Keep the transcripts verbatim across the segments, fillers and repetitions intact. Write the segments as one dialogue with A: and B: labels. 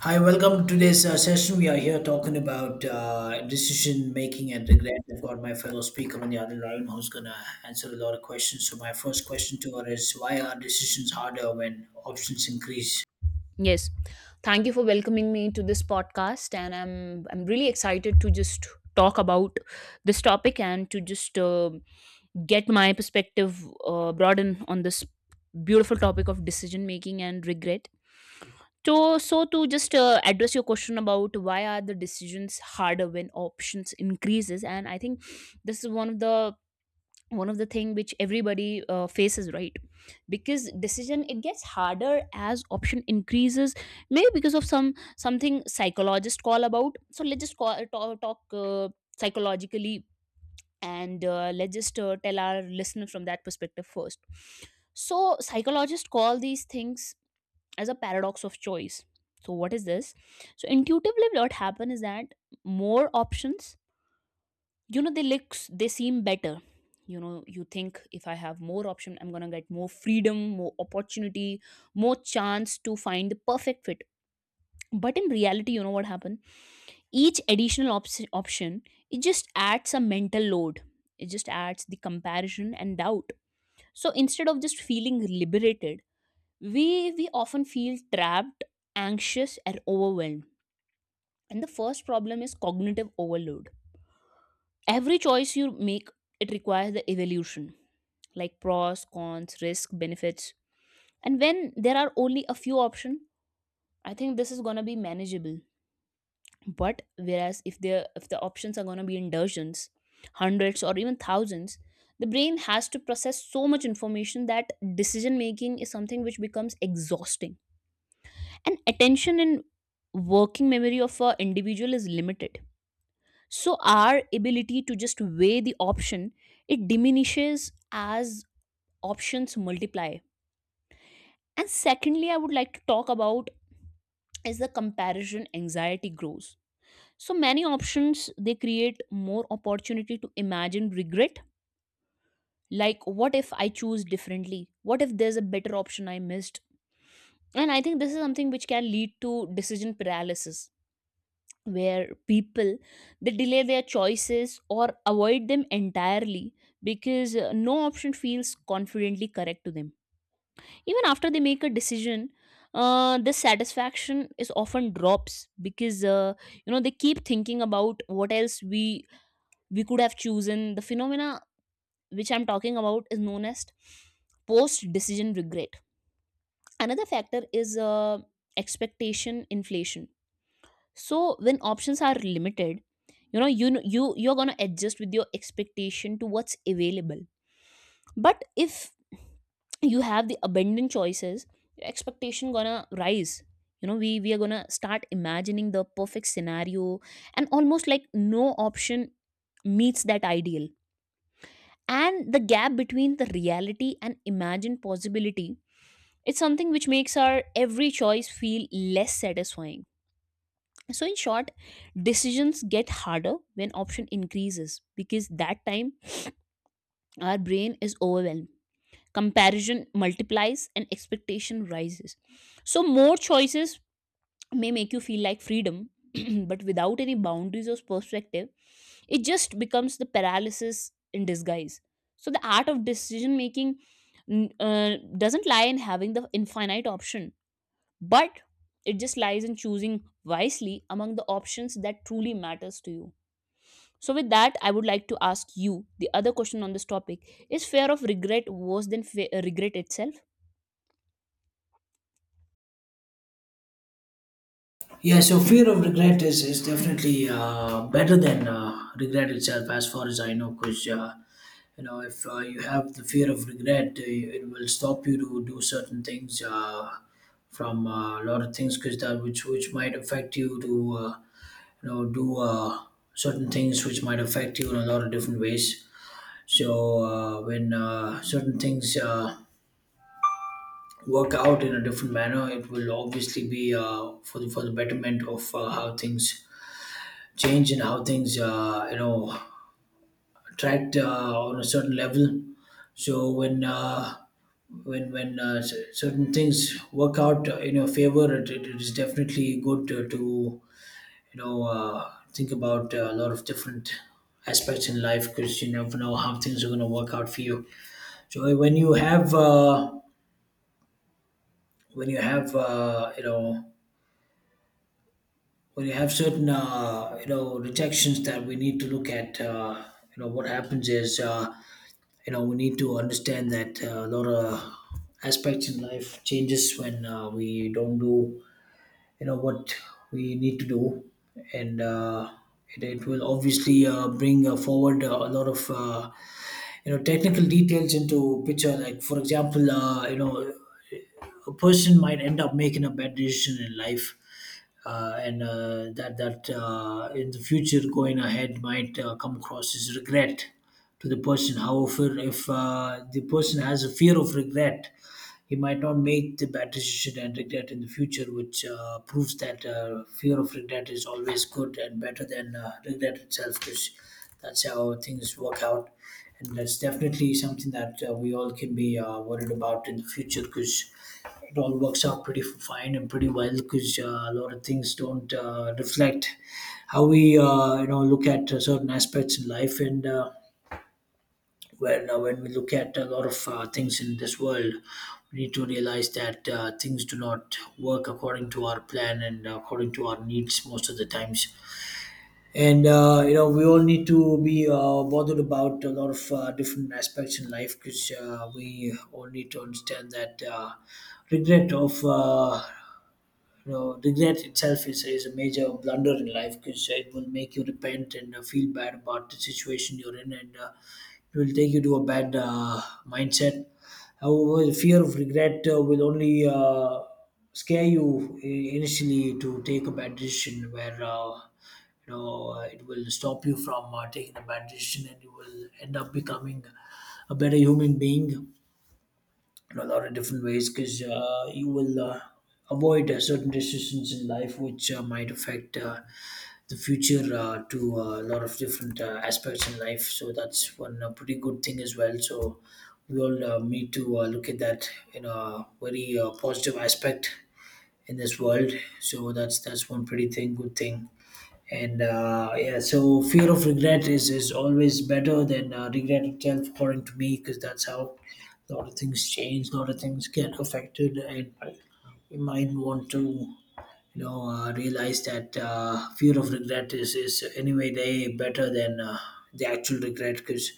A: Hi, welcome to today's uh, session. We are here talking about uh, decision making and regret. I've got my fellow speaker on the other line who's going to answer a lot of questions. So, my first question to her is why are decisions harder when options increase?
B: Yes. Thank you for welcoming me to this podcast, and I'm I'm really excited to just talk about this topic and to just uh, get my perspective uh, broaden on this beautiful topic of decision making and regret. So so to just uh, address your question about why are the decisions harder when options increases. And I think this is one of the one of the thing which everybody uh, faces, right? Because decision, it gets harder as option increases, maybe because of some something psychologists call about. So let's just call, talk, talk uh, psychologically, and uh, let's just uh, tell our listener from that perspective first. So psychologists call these things as a paradox of choice. So what is this? So intuitively, what happen is that more options, you know, they look they seem better. You know, you think if I have more option, I'm going to get more freedom, more opportunity, more chance to find the perfect fit. But in reality, you know what happened, each additional op- option, it just adds a mental load. It just adds the comparison and doubt. So instead of just feeling liberated, we we often feel trapped, anxious, and overwhelmed. And the first problem is cognitive overload. Every choice you make, it requires the evaluation, like pros, cons, risk, benefits. And when there are only a few options, I think this is going to be manageable. But whereas if there if the options are going to be in dozens, hundreds, or even thousands, the brain has to process so much information that decision making is something which becomes exhausting. And attention and working memory of an individual is limited. So our ability to just weigh the option, it diminishes as options multiply. And secondly, I would like to talk about is the comparison anxiety grows. So many options, they create more opportunity to imagine regret, like what if I choose differently, what if there's a better option I missed. And I think this is something which can lead to decision paralysis, where people, they delay their choices or avoid them entirely because uh, no option feels confidently correct to them. Even after they make a decision, uh, the satisfaction is often drops because, uh, you know, they keep thinking about what else we we could have chosen. The phenomena which I'm talking about is known as post decision regret. Another factor is uh, expectation inflation. So when options are limited, you know, you kn- you you're going to adjust with your expectation to what's available. But if you have the abundant choices, your expectation going to rise. You know, we we are going to start imagining the perfect scenario, and almost like no option meets that ideal. And the gap between the reality and imagined possibility, it's something which makes our every choice feel less satisfying. So in short, decisions get harder when option increases because that time our brain is overwhelmed. Comparison multiplies and expectation rises. So more choices may make you feel like freedom, but without any boundaries or perspective, it just becomes the paralysis in disguise. So the art of decision making n- uh, doesn't lie in having the infinite option, but it just lies in choosing wisely among the options that truly matters to you. So with that, I would like to ask you the other question on this topic. Is fear of regret worse than fe- uh, regret itself?
A: Yeah, so fear of regret is, is definitely uh, better than uh, regret itself, as far as I know, because uh, you know if uh, you have the fear of regret, uh, it will stop you to do certain things uh, from uh, a lot of things, because that which which might affect you to. Uh, you know do uh, certain things which might affect you in a lot of different ways. So uh, when uh, certain things uh, work out in a different manner, it will obviously be uh, for the for the betterment of uh, how things change and how things uh, you know attract uh, on a certain level. So when uh, when when uh, cer- certain things work out in your favor, it, it it is definitely good to, to you know, uh, think about uh, a lot of different aspects in life because you never know how things are going to work out for you. So when you have, uh, when you have, uh, you know, when you have certain, uh, you know, rejections that we need to look at, uh, you know, what happens is, uh, you know, we need to understand that uh, a lot of aspects in life changes when uh, we don't do you know what we need to do. And uh, it, it will obviously uh, bring uh, forward uh, a lot of uh, you know technical details into picture, like for example uh, you know a person might end up making a bad decision in life. Uh, and uh, that that uh, in the future going ahead might uh, come across as regret to the person. However, if uh, the person has a fear of regret, he might not make the bad decision and regret in the future, which uh, proves that uh, fear of regret is always good and better than uh, regret itself, because that's how things work out. And that's definitely something that uh, we all can be uh, worried about in the future, because it all works out pretty fine and pretty well because uh, a lot of things don't uh, reflect how we uh, you know look at uh, certain aspects in life. And uh, when uh, when we look at a lot of uh, things in this world, we need to realize that uh, things do not work according to our plan and according to our needs most of the times. And uh, you know we all need to be uh, bothered about a lot of uh, different aspects in life, because uh, we all need to understand that uh, regret of uh, you know regret itself is, is a major blunder in life because it will make you repent and uh, feel bad about the situation you're in. And uh, it will take you to a bad uh, mindset. However, the fear of regret uh, will only uh, scare you i- initially to take a bad decision, where uh, you know uh, it will stop you from uh, taking a bad decision and you will end up becoming a better human being in a lot of different ways, because uh, you will uh, avoid uh, certain decisions in life which uh, might affect uh, the future uh, to uh, a lot of different uh, aspects in life. So that's one uh, pretty good thing as well. So we all uh, need to uh, look at that in a very uh, positive aspect in this world. So that's that's one pretty thing, good thing. And uh, yeah, so fear of regret is is always better than uh, regret itself, according to me, because that's how a lot of things change, a lot of things get affected. And we might want to you know, uh, realize that uh, fear of regret is, is anyway way better than uh, the actual regret, because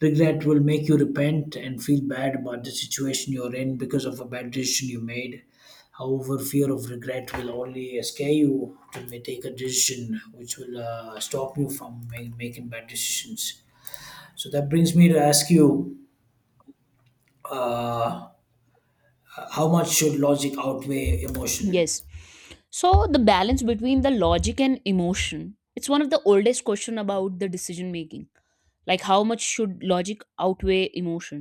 A: regret will make you repent and feel bad about the situation you're in because of a bad decision you made. However, fear of regret will only scare you to ma- take a decision which will uh, stop you from ma- making bad decisions. So that brings me to ask you uh, how much should logic outweigh emotion?
B: Yes. So the balance between the logic and emotion. It's one of the oldest question about the decision making. Like how much should logic outweigh emotion?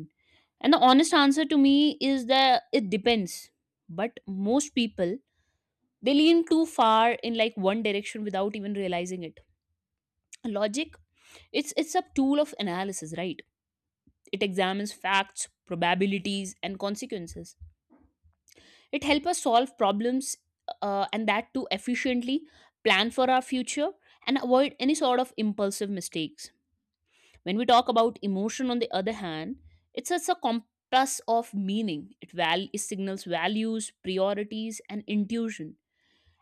B: And the honest answer to me is that it depends. But most people, they lean too far in like one direction without even realizing it. Logic, it's it's a tool of analysis, right? It examines facts, probabilities, and consequences. It helps us solve problems, uh, and that too efficiently, plan for our future, and avoid any sort of impulsive mistakes. When we talk about emotion, on the other hand, it's such a compass of meaning. It, val- it signals values, priorities, and intuition,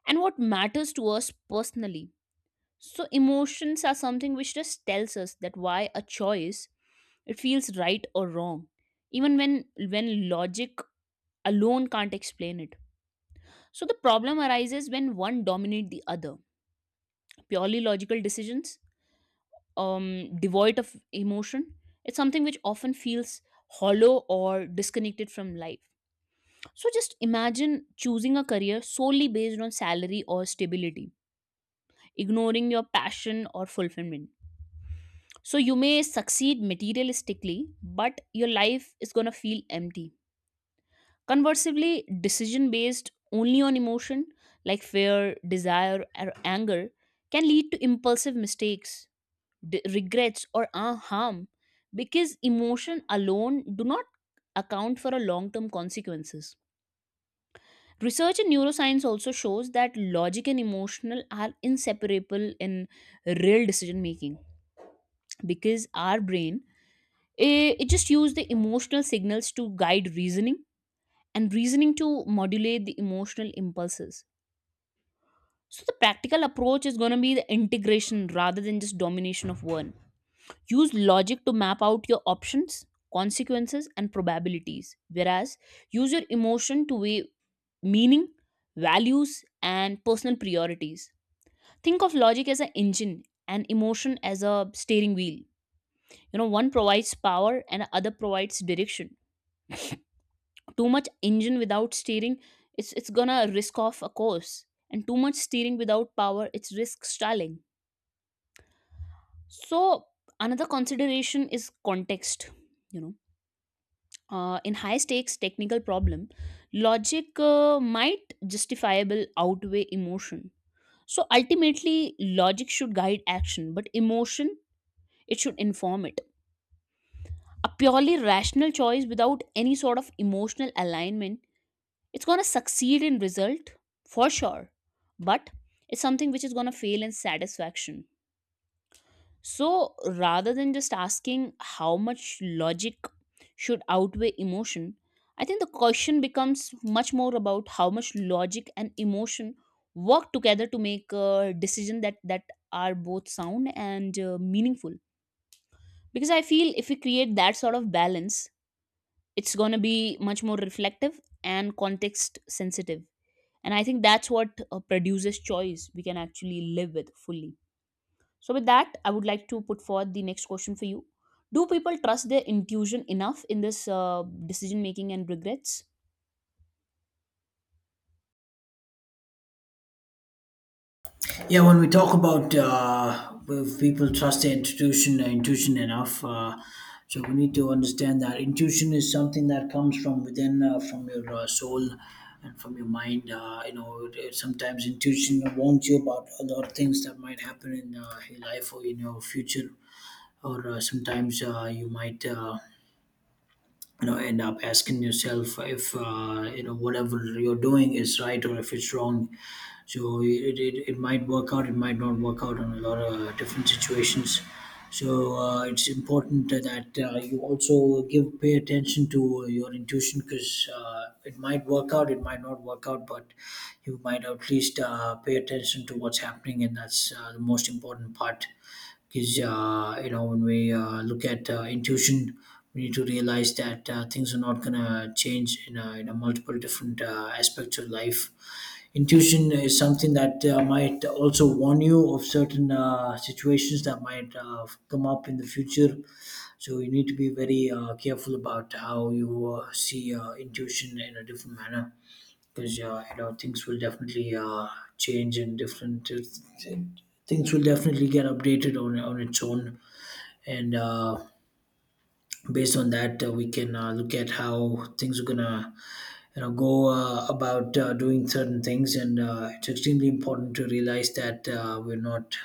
B: and what matters to us personally. So emotions are something which just tells us that why a choice it feels right or wrong, even when when logic alone can't explain it. So the problem arises when one dominates the other. Purely logical decisions, um, devoid of emotion. It's something which often feels hollow or disconnected from life. So just imagine choosing a career solely based on salary or stability, ignoring your passion or fulfillment. So you may succeed materialistically, but your life is going to feel empty. Conversely, decision based only on emotion, like fear, desire, or anger, can lead to impulsive mistakes, d- regrets, or uh, harm, because emotion alone do not account for a long-term consequences. Research in neuroscience also shows that logic and emotional are inseparable in real decision making, because our brain, eh, it just use the emotional signals to guide reasoning, and reasoning to modulate the emotional impulses. So the practical approach is going to be the integration rather than just domination of one. Use logic to map out your options, consequences, and probabilities, whereas use your emotion to weigh meaning, values, and personal priorities. Think of logic as an engine and emotion as a steering wheel. You know, one provides power and other provides direction. Too much engine without steering, it's it's gonna risk off a course. And too much steering without power, it's risk stalling. So another consideration is context. You know, uh, in high stakes technical problem, logic uh, might justifiable outweigh emotion. So ultimately logic should guide action, but emotion, it should inform it. A purely rational choice without any sort of emotional alignment, it's going to succeed in result for sure, but it's something which is going to fail in satisfaction. So rather than just asking how much logic should outweigh emotion, I think the question becomes much more about how much logic and emotion work together to make a decision that that are both sound and uh, meaningful. Because I feel if we create that sort of balance, it's going to be much more reflective and context sensitive. And I think that's what uh, produces choice we can actually live with fully. So with that, I would like to put forward the next question for you. Do people trust their intuition enough in this uh, decision making and regrets?
A: Yeah, when we talk about uh, if people trust their intuition, uh, intuition enough, uh, so we need to understand that intuition is something that comes from within, uh, from your uh, soul and from your mind. Uh, you know, it- it- sometimes intuition warns you about a lot of things that might happen in uh, your life or in your future, or uh, sometimes uh, you might. Uh, you know end up asking yourself if uh, you know whatever you're doing is right or if it's wrong. So it, it, it might work out, it might not work out on a lot of different situations. So uh, it's important that uh, you also give pay attention to your intuition, because uh, it might work out, it might not work out, but you might at least uh, pay attention to what's happening, and that's uh, the most important part. Because uh, you know when we uh, look at uh, intuition, we need to realize that uh, things are not going to change in, a, in a multiple different uh, aspects of life. Intuition is something that uh, might also warn you of certain uh, situations that might uh, come up in the future. So you need to be very uh, careful about how you uh, see uh, intuition in a different manner, because uh, you know things will definitely uh, change, and different uh, things will definitely get updated on on its own. And uh, based on that uh, we can uh, look at how things are gonna you know go uh, about uh, doing certain things. And uh, it's extremely important to realize that uh, we're not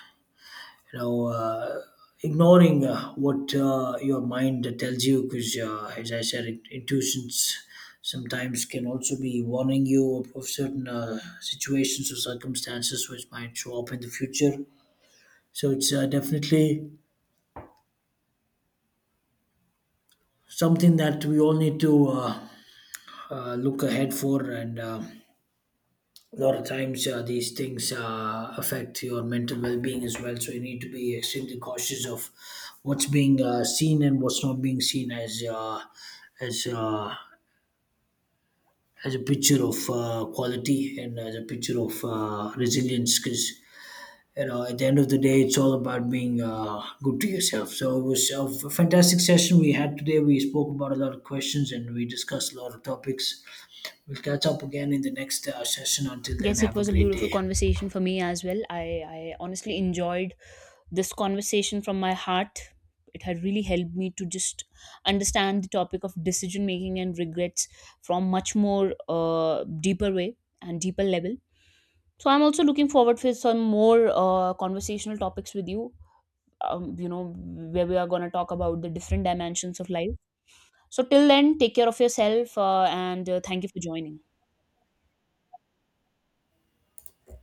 A: you know uh, ignoring uh, what uh, your mind tells you, because uh, as I said it, intuitions sometimes can also be warning you of, of certain uh, situations or circumstances which might show up in the future. So it's uh, definitely something that we all need to uh, uh, look ahead for. And uh, a lot of times uh, these things uh, affect your mental well-being as well, so you need to be extremely cautious of what's being uh, seen and what's not being seen as uh, as uh, as a picture of uh, quality and as a picture of uh, resilience. Because you know at the end of the day it's all about being uh, good to yourself. So it was a f- fantastic session we had today. We spoke about a lot of questions and we discussed a lot of topics. We'll catch up again in the next uh, session. Until then,
B: Yes, it
A: have a
B: was a
A: great
B: beautiful
A: day.
B: conversation for me as well. I, I honestly enjoyed this conversation from my heart. It had really helped me to just understand the topic of decision making and regrets from much more uh, deeper way and deeper level. So I'm also looking forward for some more uh, conversational topics with you, um, you know, where we are going to talk about the different dimensions of life. So till then, take care of yourself uh, and uh, thank you for joining.